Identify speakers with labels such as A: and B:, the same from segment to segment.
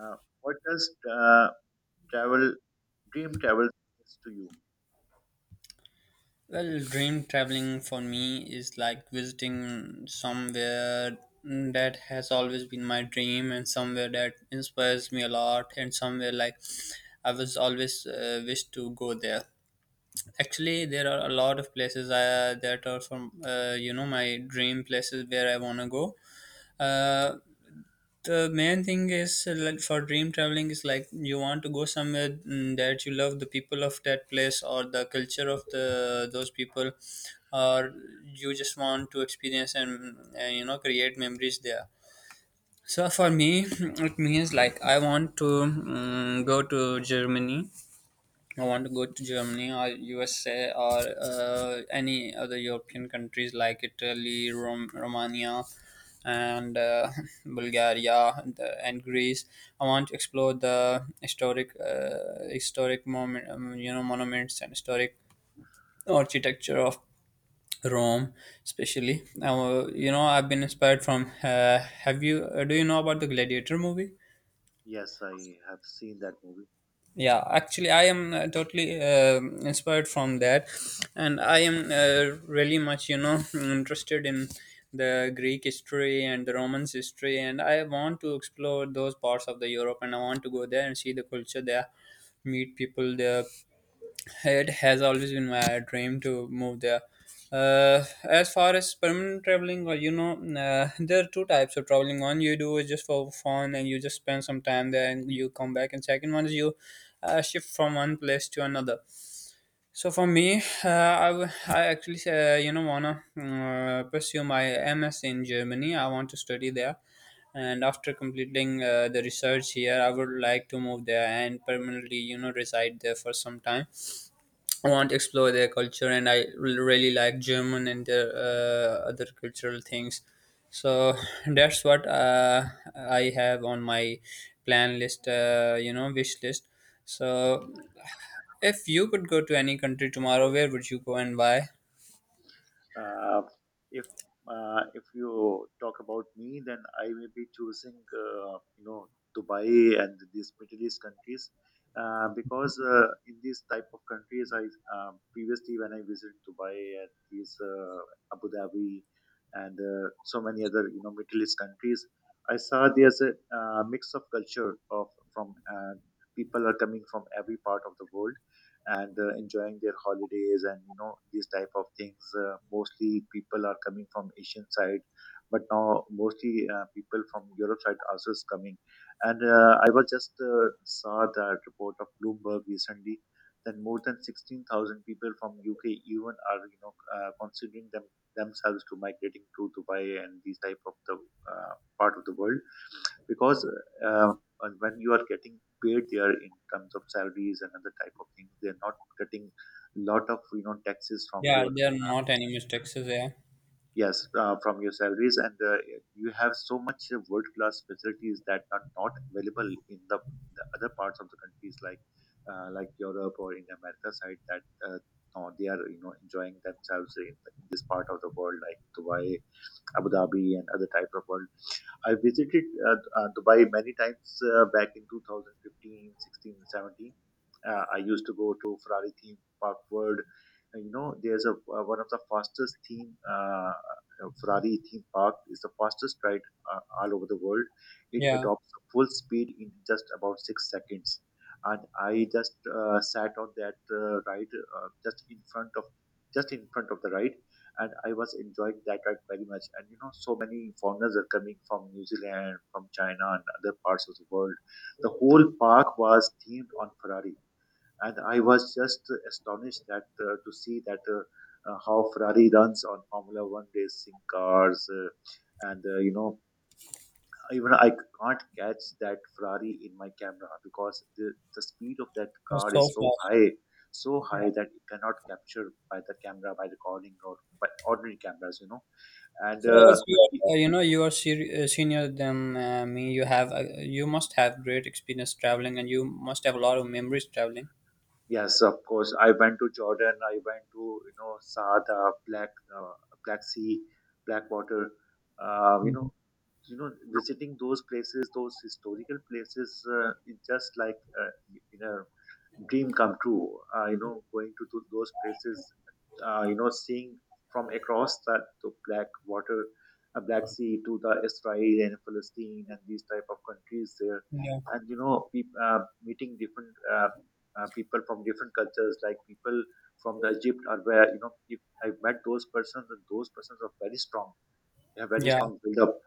A: Uh, what does travel dream travel means to you?
B: Well, dream traveling for me is like visiting somewhere that has always been my dream and somewhere that inspires me a lot and somewhere like I was always wished to go there. Actually, there are a lot of places that are from my dream places where I want to go. Uh, the main thing is like, for dream traveling is like you want to go somewhere that you love the people of that place or the culture of the those people or you just want to experience and create memories there, so for me it means like I want to go to Germany. I want to go to Germany or USA or any other European countries like Italy, Romania, and Bulgaria and Greece. I want to explore the historic monuments and historic architecture of Rome, especially. Now, I've been inspired from. Have you? Do you know about the Gladiator movie?
A: Yes, I have seen that movie.
B: Yeah, actually I am totally inspired from that. And I am really much interested in the greek history and the romans history, and I want to explore those parts of the Europe, and I want to go there and see the culture there, meet people there. It has always been my dream to move there. As far as permanent traveling, or there are two types of traveling. One you do is just for fun, and you just spend some time there, and you come back. And second one is you shift from one place to another. So for me, I actually wanna pursue my MS in Germany. I want to study there, and after completing the research here, I would like to move there and permanently reside there for some time, want to explore their culture. And I really like german and their other cultural things. So that's what I have on my plan list you know wish list. So if you could go to any country tomorrow, where would you go and why?
A: Uh, if if you talk about me, then I may be choosing you know Dubai and these Middle East countries because in these type of countries, I previously when I visited Dubai and these Abu Dhabi and so many other you know Middle East countries, I saw there's a mix of culture of from people are coming from every part of the world and enjoying their holidays and you know these type of things mostly people are coming from Asian side, but now mostly people from Europe side also is coming. And I was just saw that report of Bloomberg recently that more than 16,000 people from UK even are you know considering themselves to migrating to Dubai and these type of the uh, part of the world, because uh, when you are getting paid there in terms of salaries and other type of things, they're not getting a lot of you know taxes from
B: Yeah,
A: your,
B: there are not any mistakes, yeah.
A: yes, from your salaries. And you have so much world class facilities that are not available in the other parts of the countries, like like Europe or in America side, that uh, no, they are you know enjoying themselves in this part of the world, like Dubai, Abu Dhabi and other types of world. I visited Dubai many times back in 2015, 16, and 17. I used to go to Ferrari theme park world. And, you know, there's a one of the fastest theme Ferrari theme park is the fastest ride all over the world. It
B: Yeah.
A: adopts full speed in just about 6 seconds, and I just sat on that ride just in front of the ride, and I was enjoying that ride very much. And you know, so many foreigners are coming from New Zealand, from China, and other parts of the world. The whole park was themed on Ferrari, and I was just astonished that to see that how Ferrari runs on Formula One racing cars, and you know, even I can't catch that Ferrari in my camera because the speed of that car
B: So
A: is
B: far.
A: so high. So
B: Yeah.
A: high that it cannot capture by the camera, by recording or by ordinary cameras, you know. And
B: So as you are, you are senior than me, you must have great experience traveling, and you must have a lot of memories traveling.
A: yes, of course, I went to Jordan, I went to you know Saada, black, uh, Black Sea, blackwater, uh, you know
B: Mhm.
A: you know visiting those places, those historical places is just like you know dream come true. You know, going to those places, you know, seeing from across that the black water, Black Sea to the Israel and Palestine and these type of countries there,
B: Yeah.
A: and you know, peop meeting different people from different cultures, like people from the Egypt or where you know, if I met those persons, and those persons are very strong. They have very
B: Yeah,
A: strong build up,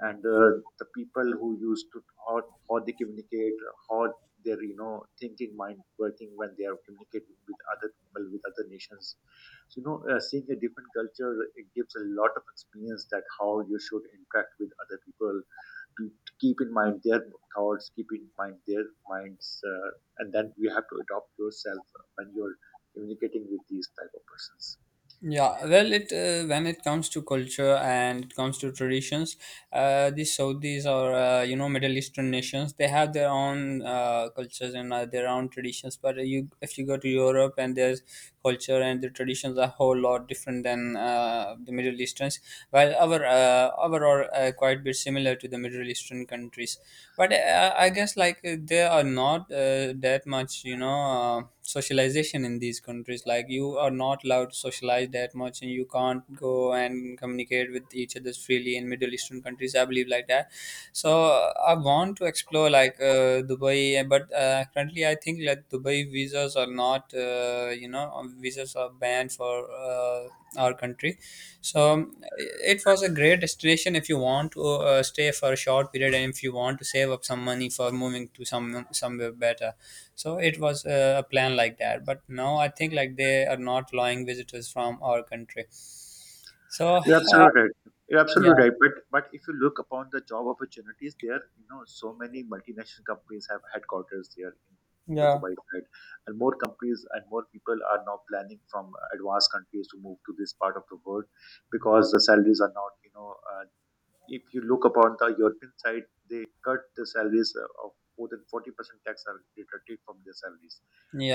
A: and the people who used to, how, how they communicate, how their you know thinking mind working when they are communicating with other people with other nations. So you know seeing a different culture, it gives a lot of experience that how you should interact with other people, to keep in mind their thoughts, keep in mind their minds, and then you have to adopt yourself when you're communicating with these type of persons.
B: yeah. Well, it when it comes to culture and it comes to traditions, the Saudis or Middle Eastern nations, they have their own cultures and their own traditions. But if you go to Europe, and there's culture and the traditions are a whole lot different than the Middle Easterns. While our are quite bit similar to the Middle Eastern countries, but I guess like they are not that much. Socialization in these countries, like, you are not allowed to socialize that much, and you can't go and communicate with each other freely in middle eastern countries, I believe, like that. So I want to explore like Dubai, but currently I think like Dubai visas are not you know visas are banned for our country. So it was a great destination if you want to stay for a short period, and if you want to save up some money for moving to somewhere better. So it was a plan like that, but now I think like they are not allowing visitors from our country. So
A: You're
B: uh,
A: absolutely right. You're
B: yeah.
A: absolutely right. But if you look upon the job opportunities there, you know, so many multinational companies have headquarters there in the
B: Yeah.
A: Dubai side, and more companies and more people are now planning from advanced countries to move to this part of the world, because the salaries are not, you know, if you look upon the European side, they cut the salaries of more than 40% tax are deducted from their salaries.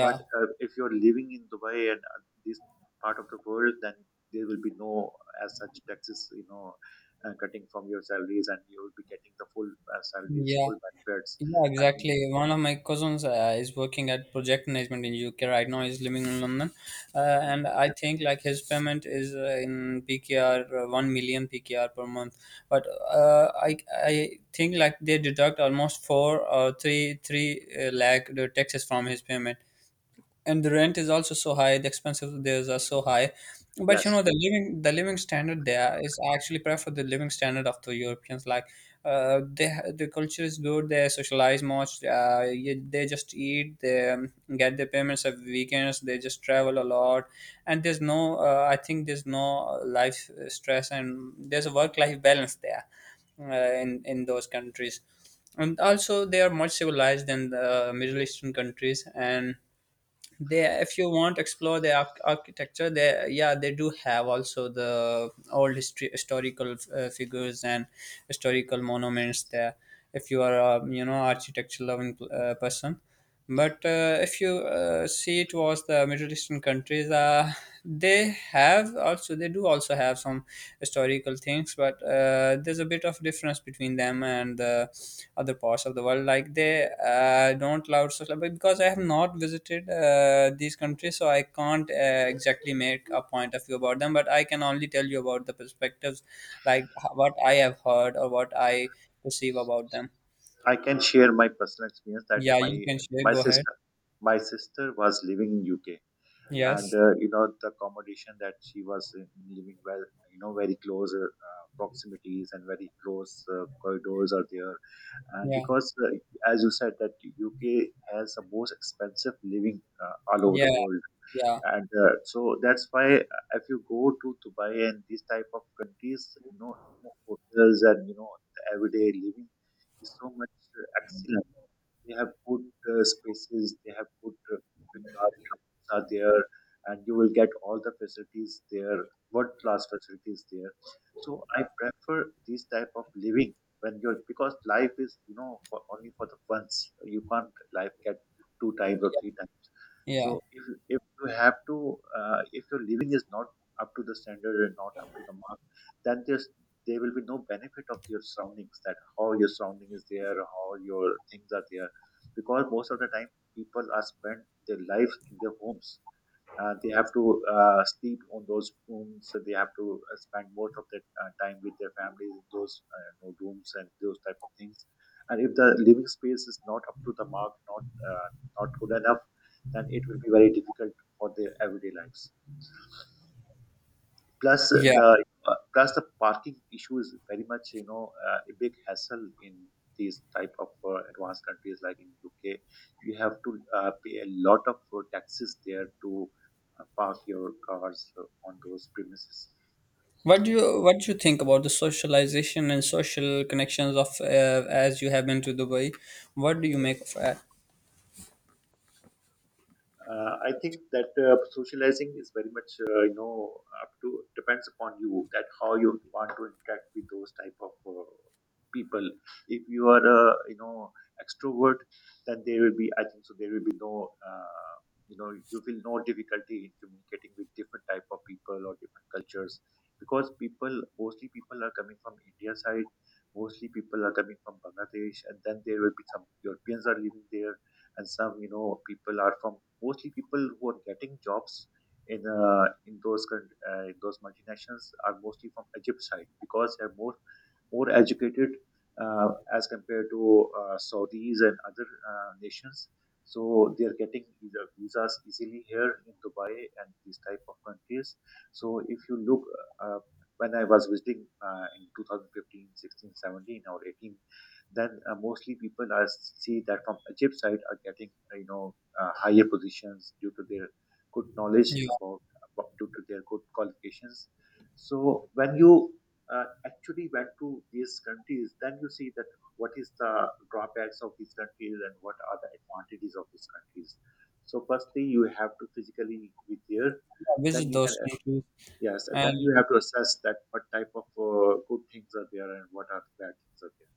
A: But uh, if you're living in Dubai and this part of the world, then there will be no as such taxes, you know, cutting from your salaries, and you will be getting the full salaries,
B: Yeah.
A: full benefits.
B: Yeah,
A: And
B: exactly. One of my cousins is working at project management in UK right now. He's living in london.
A: mm,
B: And I think like his payment is in PKR 1,000,000 PKR per month. But uh, i I think like they deduct almost 4 or 3 lakh taxes from his payment. And the rent is also so high. The expenses there are so high. But you
A: yes,
B: know, the living standard there is actually prefer the living standard of the europeans, like the culture is good, they socialize much, they just eat, they get their payments every weekends, they just travel a lot. And there's no I think there's no life stress, and there's a work life balance there, in those countries. And also they are much civilized than the middle eastern countries, and they, if you want to explore the architecture, they yeah, they do have also the old historical figures and historical monuments there, if you are a architecture loving person. But if you see towards the middle eastern countries, they do also have some historical things. But there's a bit of difference between them and the other parts of the world, like they don't allow social. But because I have not visited these countries, so I can't exactly make a point of view about them, but I can only tell you about the perspectives, like what I have heard or what I perceive about them.
A: I can share my personal experience that
B: Yeah, you can share,
A: my
B: go ahead.
A: sister, my sister was living in UK, and
B: Yes.
A: you know the accommodation that she was in, living well you know very close proximities and very close corridors are there. And
B: Yeah.
A: because as you said that UK has the most expensive living all over
B: Yeah.
A: the world.
B: Yeah.
A: And so that's why if you go to Dubai and these type of countries, you know, hotels and you know the everyday living is so much excellent. They have good spaces, they have good uh, are there, and you will get all the facilities there, world class facilities there. So I prefer this type of living when you're, because life is you know for only for the once, you can't life get two times or three times. So
B: Yeah.
A: if you have to, if your living is not up to the standard and not up to the mark, then there will be no benefit of your surroundings, that how your surrounding is there, how your things are there. Because most of the time, people are spent their life in their homes. They have to sleep on those rooms. So they have to spend most of their time with their families in those you know, rooms and those type of things. And if the living space is not up to the mark, not good enough, then it will be very difficult for their everyday lives. Plus uh,
B: Yeah.
A: the uh, plus the parking issue is very much you know a big hassle in these type of advanced countries like in UK. You have to pay a lot of taxes there to park your cars on those premises.
B: What do you think about the socialization and social connections of, as you have been to Dubai, what do you make of that?
A: I think that socializing is very much you know up to depends upon you that how you want to interact with those type of people. If you are a you know extrovert, then there will be I think so there will be no you know you feel no difficulty in communicating with different type of people or different cultures, because people mostly people are coming from India side, mostly people are coming from Bangladesh, and then there will be some Europeans are living there, and some you know people are from mostly people who are getting jobs in those multinationals are mostly from Egypt side, because they're more educated uh, as compared to Saudis and other nations. So they are getting either visas easily here in Dubai and these type of countries. So if you look, uh, when I was visiting in 2015, 16, 17, or 18, then mostly people are see that from Egypt side are getting you know higher positions due to their good knowledge
B: Yeah.
A: about due to their good qualifications. So when you actually went to these countries, then you see that what is the drawbacks of these countries and what are the advantages of these countries. So, firstly, you have to physically be there. Then
B: Visit
A: you can,
B: those countries.
A: yes, and then
B: And
A: you have to assess that what type of good things are there and what are the bad things are there.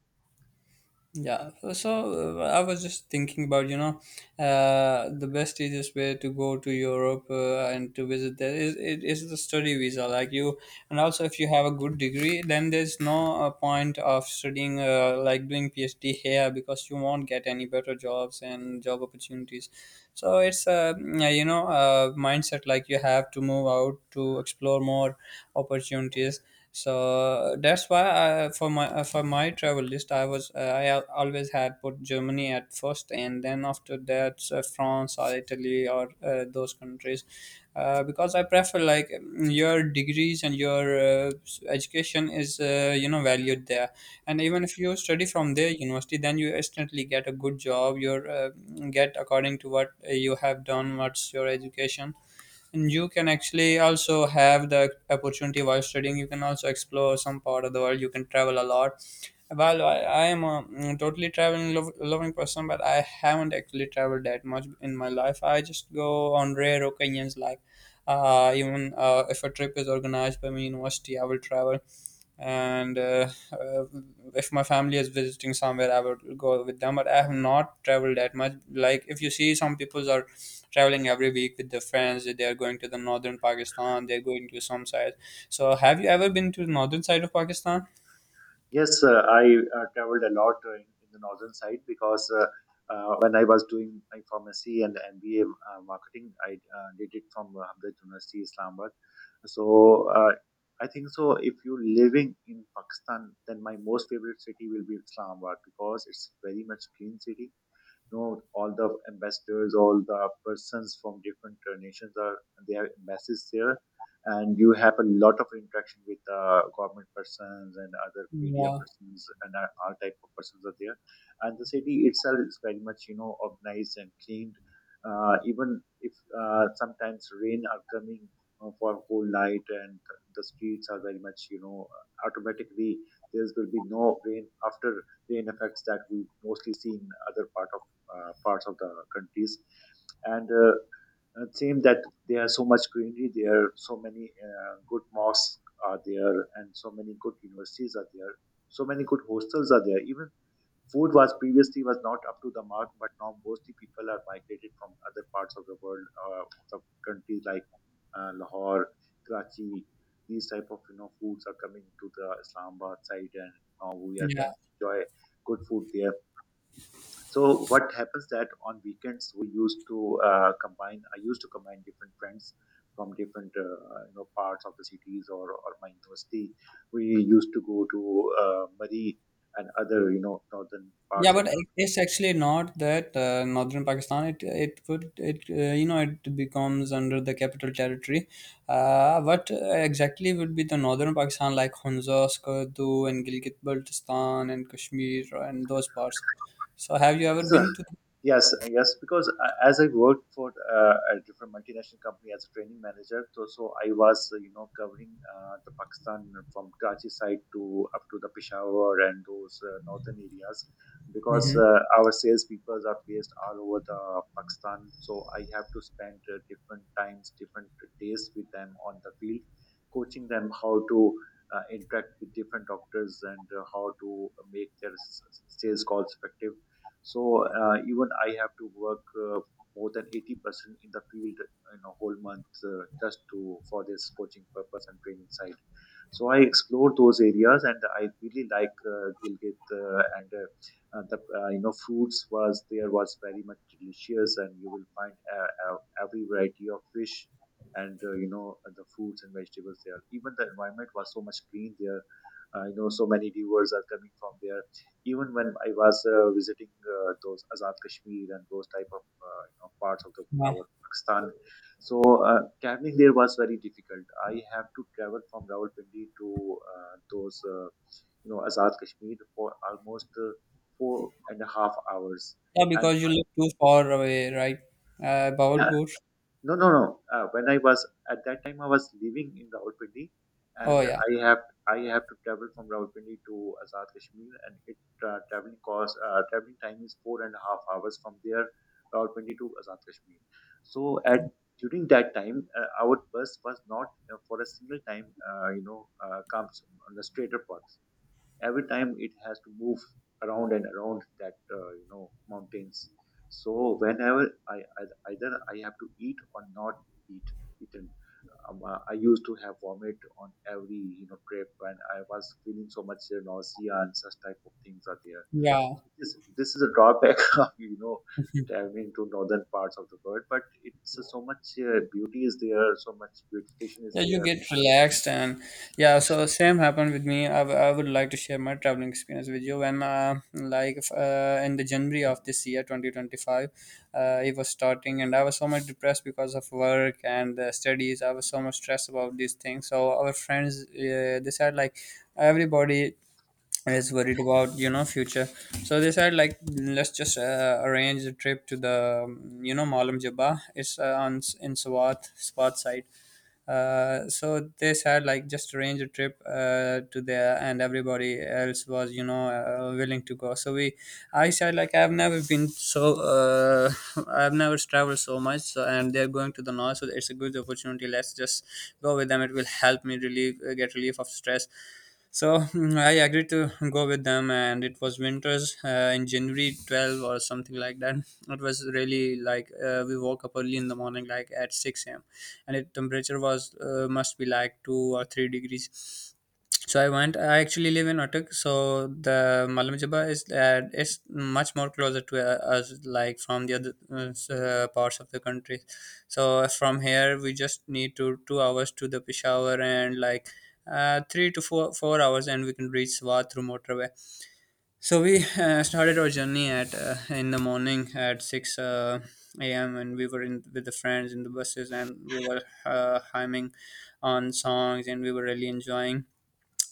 B: yeah, I was just thinking about, the best easiest way to go to Europe, and to visit there is it is the study visa, like you. And also if you have a good degree, then there's no point of studying like doing PhD here, because you won't get any better jobs and job opportunities. So it's a yeah, a mindset, like you have to move out to explore more opportunities. So that's why I, for my travel list, I was I al- always had put germany at first, and then after that france or italy or those countries, because I prefer, like, your degrees and your education is valued there. And even if you study from their university, then you instantly get a good job. You get according to what you have done, what's your education. And you can actually also have the opportunity while studying. You can also explore some part of the world. You can travel a lot. Well, I am a totally traveling loving person, but I haven't actually traveled that much in my life. I just go on rare occasions, like even if a trip is organized by my university, I will travel. And if my family is visiting somewhere, I would go with them, but I have not traveled that much. Like, if you see, some people are traveling every week with their friends, they are going to the northern pakistan, they're going to some side. So have you ever been to the northern side of pakistan?
A: Yes, I traveled a lot in the northern side, because when I was doing my pharmacy and MBA marketing, I did it from Hamdard University, Islamabad. So I think so. If you're living in Pakistan, then my most favorite city will be Islamabad because it's very much clean city, you know, all the ambassadors, all the persons from different nations are, they have embassies there, and you have a lot of interaction with government persons and other media
B: Yeah.
A: persons and all type of persons are there. And the city itself is very much, you know, organized and cleaned. Even if sometimes rain are coming for whole night, and the streets are very much, you know, automatically there will be no rain after rain effects that we mostly see in other part of parts of the countries. And It seems that there are so much greenery there, so many good mosques are there, and so many good universities are there, so many good hostels are there. Even food was previously was not up to the mark, but now mostly people are migrated from other parts of the world, of the countries like Lahore, Karachi. These type of, you know, foods are coming to the Islamabad side, and
B: Yeah.
A: can enjoy good food there. So what happens that on weekends we used to combine. I used to combine different friends from different you know parts of the cities or my university. We used to go to Mari and other, you know, northern
B: Yeah,
A: parts of
B: but
A: the.
B: it's actually not that northern Pakistan. It would it you know it becomes under the capital territory. What exactly would be the northern Pakistan like Hunza, Skardu, and Gilgit-Baltistan and Kashmir and those parts? So have you ever
A: It's a
B: been to?
A: yes, yes, because as I worked for a different multinational company as a training manager, so I was, you know, covering the Pakistan from Karachi side to up to the Peshawar and those northern areas, because
B: Hmm.
A: our salespeople are placed all over the Pakistan. So I have to spend different times, different days with them on the field, coaching them how to interact with different doctors and how to make their sales calls effective. So even I have to work more than 80% in the field in a whole month, just to for this coaching purpose and training side. So I explored those areas, and I really like Gilgit and the you know fruits was there was very much delicious, and you will find every variety of fish and you know the fruits and vegetables there. Even the environment was so much clean there. You know, so many rivers are coming from there, even when I was visiting those Azad Kashmir and those type of you know, parts of the,
B: Yeah.
A: our Pakistan. So traveling there was very difficult. I have to travel from Rawalpindi to those you know Azad Kashmir for almost 4.5 hours,
B: Yeah,
A: and
B: because you live too far away, right?
A: I,
B: Bawalpur.
A: no, no, no. When I was at that time, I was living in Rawalpindi,
B: Oh
A: and
B: yeah,
A: I have to travel from Rawalpindi to Azad Kashmir, and it traveling cost traveling time is 4.5 hours from there, Rawalpindi to Azad Kashmir. So at during that time, our bus was not for a single time, comes on the straighter path. Every time it has to move around and around that you know mountains. So whenever I either I have to eat or not eat eaten, I used to have vomit on every, you know, trip, and I was feeling so much nausea and such type of things are there.
B: yeah.
A: So this is a drawback of, you know, traveling to northern parts of the world, but it's so much beauty is there, so much beautification is
B: Yeah, you
A: there.
B: get relaxed. And yeah. So same happened with me. I would like to share my traveling experience with you. When like if, in the January of this year, 2025, it was starting, and I was so much depressed because of work and the studies. I was so much stressed about these things. So our friends, they said, like, everybody is worried about future. So they said, like, let's just arrange a trip to the Malam Jabba. It's on in Swat side. So they said, like, just arrange a trip to there, and everybody else was willing to go, so we, I said, like, I've never been so I've never traveled so much. So, and they're going to the north, so it's a good opportunity, let's just go with them, it will help me relieve get relief of stress. So I agreed to go with them, and it was winters in January 12 or something like that. It was really, like, we woke up early in the morning, like at 6 a.m., and it temperature was must be like 2 or 3 degrees. So I actually live in Attic, so the Malam Jabba is much more closer to us, like from the other parts of the country. So from here we just need to 2 hours to the Peshawar, and like 3 to 4 hours, and we can reach Swat through motorway. So we started our journey, at in the morning at six a.m., and we were in with the friends in the buses, and we were hymning on songs, and we were really enjoying.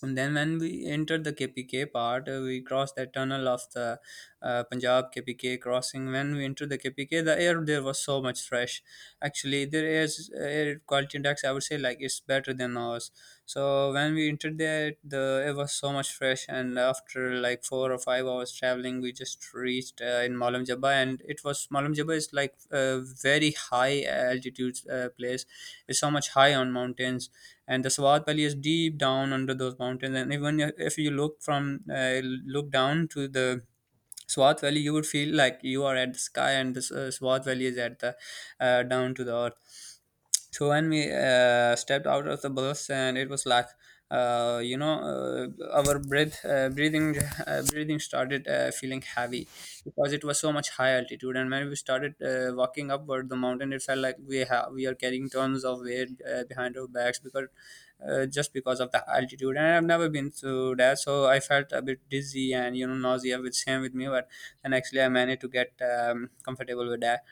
B: And then when we entered the KPK part, we crossed that tunnel of the Punjab KPK crossing. When we entered the KPK, the air there was so much fresh. Actually, there is air quality index, I would say, like it's better than ours. So when we entered there, the it was so much fresh, and after like 4 or 5 hours traveling, we just reached in Malam Jabba, and it was Malam Jabba is like a very high altitude place. It's so much high on mountains, and the Sawat Valley is deep down under those mountains. And even if you look down to the Swat Valley, you would feel like you are at the sky, and the Swat Valley is at the down to the earth. So when we stepped out of the bus, and it was like our breathing started feeling heavy, because it was so much high altitude. And when we started walking upward the mountain, it felt like we are carrying tons of weight behind our backs, because just because of the altitude. And I've never been through that, so I felt a bit dizzy, and nausea, which same with me. But then actually I managed to get comfortable with that.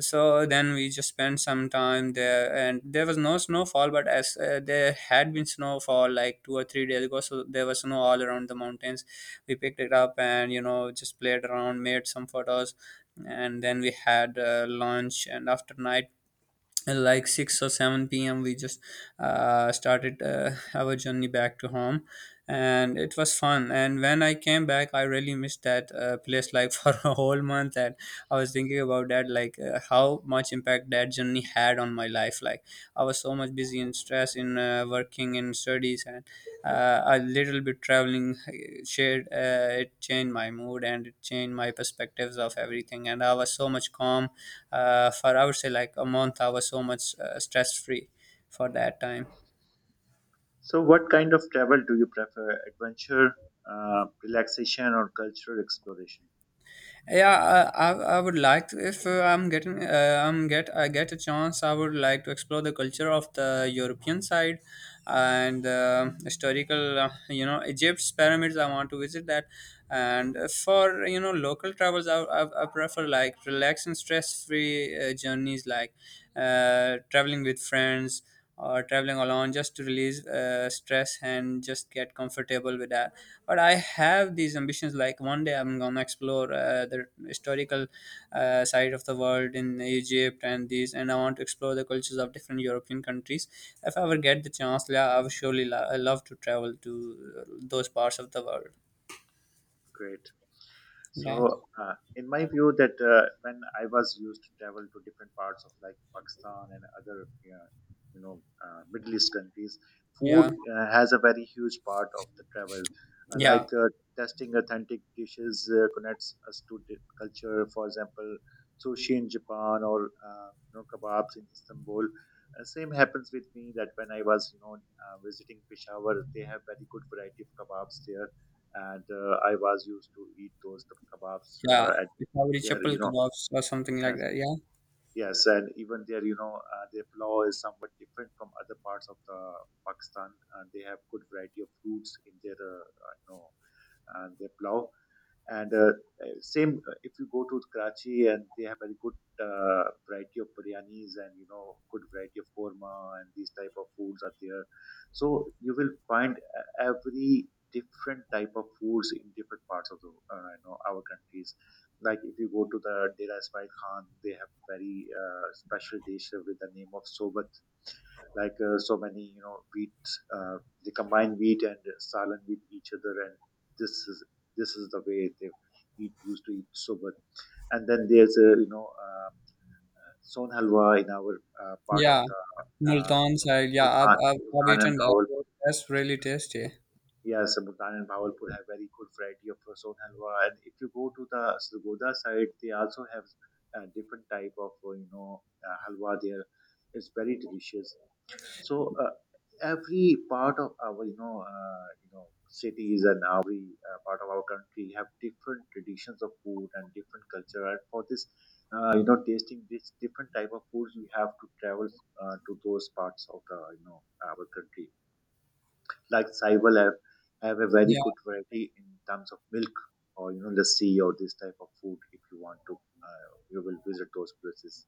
B: So then we just spent some time there, and there was no snowfall, but as there had been snowfall like 2 or 3 days ago, so there was snow all around the mountains. We picked it up, and just played around, made some photos. And then we had lunch, and after night, and like 6 or 7 p.m., we just started our journey back to home. And it was fun, and when I came back, I really missed that place, like, for a whole month. And I was thinking about that, like how much impact that journey had on my life. Like, I was so much busy and stressed in working and studies, and a little bit traveling shared, it changed my mood, and it changed my perspectives of everything, and I was so much calm for, I would say, like a month I was so much stress free for that time.
A: So what kind of travel do you prefer? Adventure, relaxation, or cultural exploration?
B: Yeah, I would like to, if I get a chance, I would like to explore the culture of the European side, and historical, Egypt's pyramids. I want to visit that, and for local travels, I prefer like relaxed and stress free journeys, like traveling with friends or traveling alone, just to release stress and just get comfortable with that. But I have these ambitions, like one day I'm gonna explore the historical side of the world in Egypt, and these, and I want to explore the cultures of different European countries. If I ever get the chance, yeah, I would surely I love to travel to uh, those parts of the world.
A: Great.
B: Yeah,
A: So, in my view, that when I was used to travel to different parts of like Pakistan and other, you know, Middle East countries, food
B: yeah,
A: has a very huge part of the travel. Uh, like
B: yeah,
A: uh, Testing authentic dishes connects us to the culture. For example, sushi in Japan or, you know, kebabs in Istanbul. Same happens with me that when I was, you know, visiting Peshawar, they have very good variety of kebabs there, and I was used to eat those kebabs
B: yeah.
A: at
B: Probably
A: there,
B: chapel
A: you know.
B: kebabs or something like
A: Yes,
B: that, yeah.
A: yes, and even there, you know, their pulao is somewhat different from other parts of the Pakistan. And they have good variety of fruits in their, you know, their pulao. And same if you go to Karachi, and they have very good variety of biryanis, and you know good variety of korma, and these type of foods are there. So you will find every different type of foods in different parts of the you know our countries. Like if you go to the Dera Ismail Khan, they have a very special dish with the name of sobat, like so many, you know, wheat, uh, they combine wheat and salan with each other, and this is this is the way they used to eat soba. And then there's a, you know, son halwa in our part of
B: Yeah,
A: the uh,
B: Multan side, yeah. i've,
A: Multan,
B: I've, I've
A: Multan and
B: eaten that.
A: Bawalpur.
B: That's really tasty.
A: Yes, so Multan and Bawalpur have very good variety of son halwa. And if you go to the Sargodha side, they also have a different type of you know halwa there. It's very delicious. So every part of our, you know, you know cities, and every part of our country have different traditions of food and different culture. And for this, you know, tasting this different type of foods, we have to travel to those parts of the, you know, our country, like Saiwal have a very
B: Yeah.
A: good variety in terms of milk or, you know, lassi, or this type of food. If you want to you will visit those places.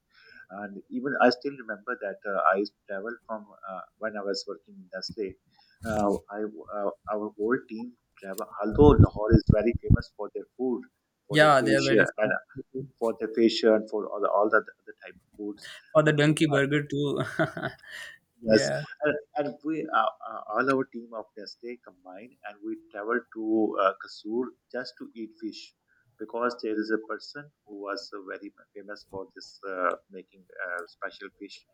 A: And even I still remember that I traveled from when I was working in Nestle, I our whole team travel, although Lahore is very famous for their food, for their
B: Yeah, they're very
A: facial, and
B: fun.
A: for their facial and for all the other type of foods,
B: Or the
A: but
B: donkey burger too.
A: yes,
B: Yeah,
A: and we all our team of Nestle combined, and we traveled to Kasur just to eat fish, because there is a person who was very famous for this making special fish,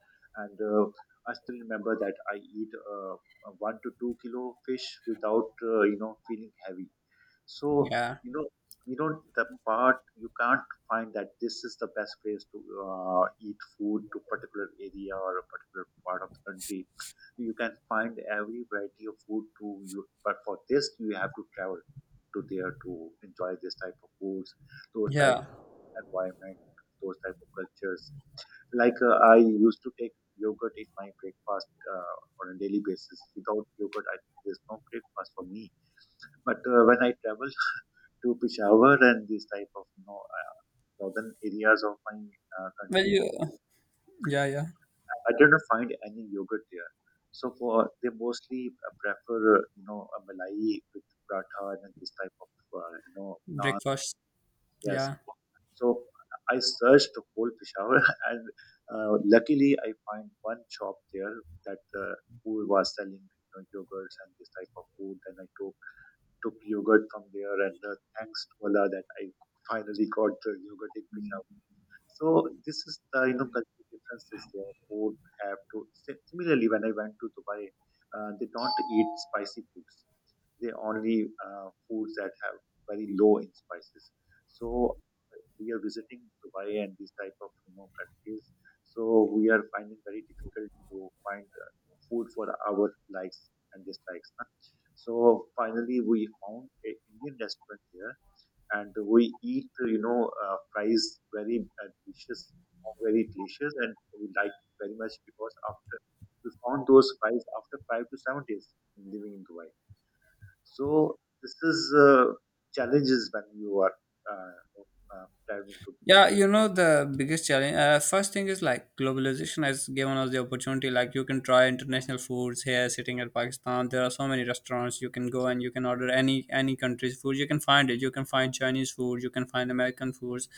A: and I still remember that I eat 1 to 2 kilo fish without you know feeling heavy. So,
B: yeah,
A: you know, you know the part, you can't find that this is the best place to eat food to particular area or a particular part of the country. You can find every variety of food to you, but for this you have to travel to there to enjoy this type of foods, those type
B: yeah.
A: of environment, those type of cultures. Like I used to take yogurt in my breakfast on a daily basis. Without yogurt, I, there's no breakfast for me. But when I travel to Peshawar and these type of, you know, northern areas of my
B: Well,
A: country,
B: you, yeah, yeah.
A: I didn't find any yogurt there. So for, they mostly prefer you know a malai with paratha, and this type of you know naan.
B: Breakfast.
A: Yes.
B: Yeah,
A: So I searched the whole Peshawar and luckily I find one shop there that who was selling, you know, yogurts and this type of food, and I took yogurt from there, and thanks to Allah that I finally got the yogurt in Peshawar. So this is the, you know, cultural differences there. Both have to similarly when I went to Dubai, they don't eat spicy foods. They only foods that have very low in spices. So we are visiting Dubai and these type of, you know, countries. So we are finding very difficult to find food for our likes and dislikes, huh? So finally, we found a Indian restaurant there, and we eat, you know, fries, very delicious, very delicious, and we like it very much, because after we found those fries after 5 to 7 days in living in Dubai. So this is challenges when you are uh, traveling to.
B: yeah. You know the biggest challenge. First thing is like globalization has given us the opportunity. Like you can try international foods here, sitting at Pakistan. There are so many restaurants you can go, and you can order any country's food. You can find it. You can find Chinese food. You can find American foods.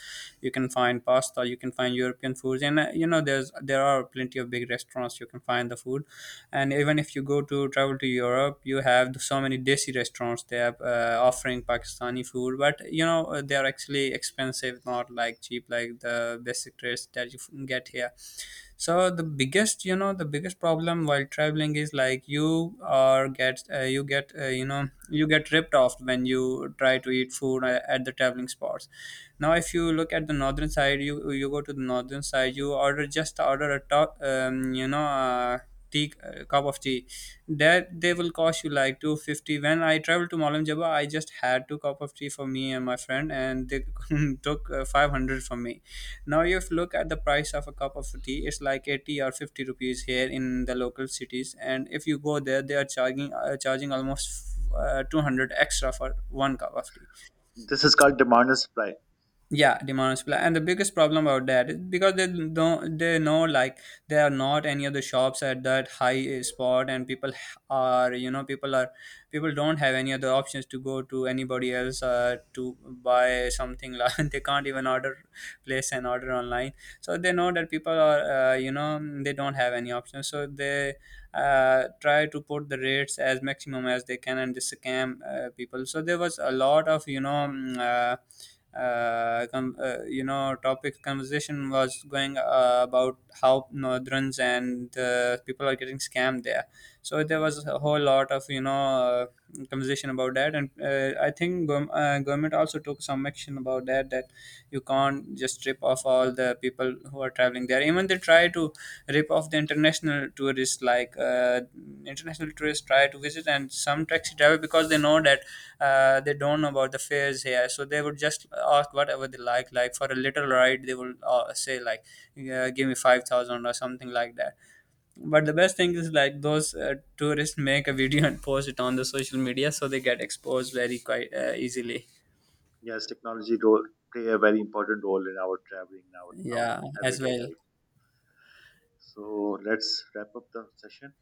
B: You can find pasta. You can find European foods. And you know, there are plenty of big restaurants, you can find the food. And even if you go to travel to Europe, you have so many desi restaurants, they are offering Pakistani food, but you know, they are actually expensive, not like cheap, like the basic rates that you get here. So the biggest, you know, the biggest problem while traveling is like you get ripped off when you try to eat food at the traveling spots. Now, if you look at the northern side, you go to the northern side, you order just order a top, tea, cup of tea. That they will cost you like 250. When I traveled to Malam Jaba, I just had two cup of tea for me and my friend, and they took 500 from me. Now, if you look at the price of a cup of tea, it's like 80 or 50 rupees here in the local cities, and if you go there, they are charging almost 200 extra for one cup of tea.
A: This is called demand and supply.
B: Yeah, demand supply. And the biggest problem about that is because they don't, they know, like there are not any other shops at that high spot, and people are, people don't have any other options to go to anybody else to buy something like they can't even order place an order online. So they know that people are you know, they don't have any options. So they try to put the rates as maximum as they can, and they scam people. So there was a lot of topic conversation was going about how northerns and people are getting scammed there. So there was a whole lot of conversation about that. And I think government also took some action about that, that you can't just rip off all the people who are traveling there. Even they try to rip off the international tourists, like international tourists try to visit, and some taxi driver, because they know that they don't know about the fares here, so they would just ask whatever they like for a little ride they will say like, yeah, give me 5000 or something like that. But the best thing is like those tourists make a video and post it on the social media, so they get exposed very quite easily.
A: Yes, technology role play a very important role in our traveling, our
B: Yeah, as
A: everyday
B: well.
A: life. So let's wrap up the session.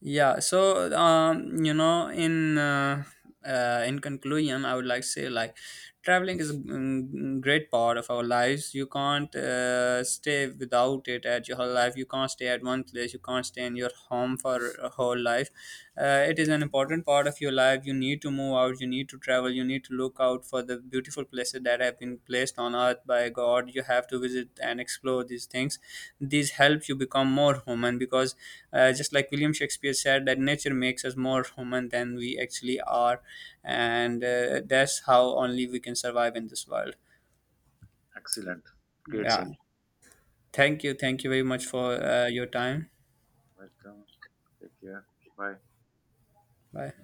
B: Yeah, so in conclusion, I would like to say, like, traveling is a great part of our lives. You can't stay without it at your whole life. You can't stay at one place. You can't stay in your home for a whole life. It is an important part of your life. You need to move out, you need to travel, you need to look out for the beautiful places that have been placed on earth by God. You have to visit and explore these things. These help you become more human, because just like William Shakespeare said, that nature makes us more human than we actually are, and that's how only we can survive in this world.
A: Excellent, great
B: Yeah.
A: thing.
B: Thank
A: Okay,
B: you. Thank you very much
A: wel-
B: for your time.
A: welcome. Take care. Bye.
B: Bye.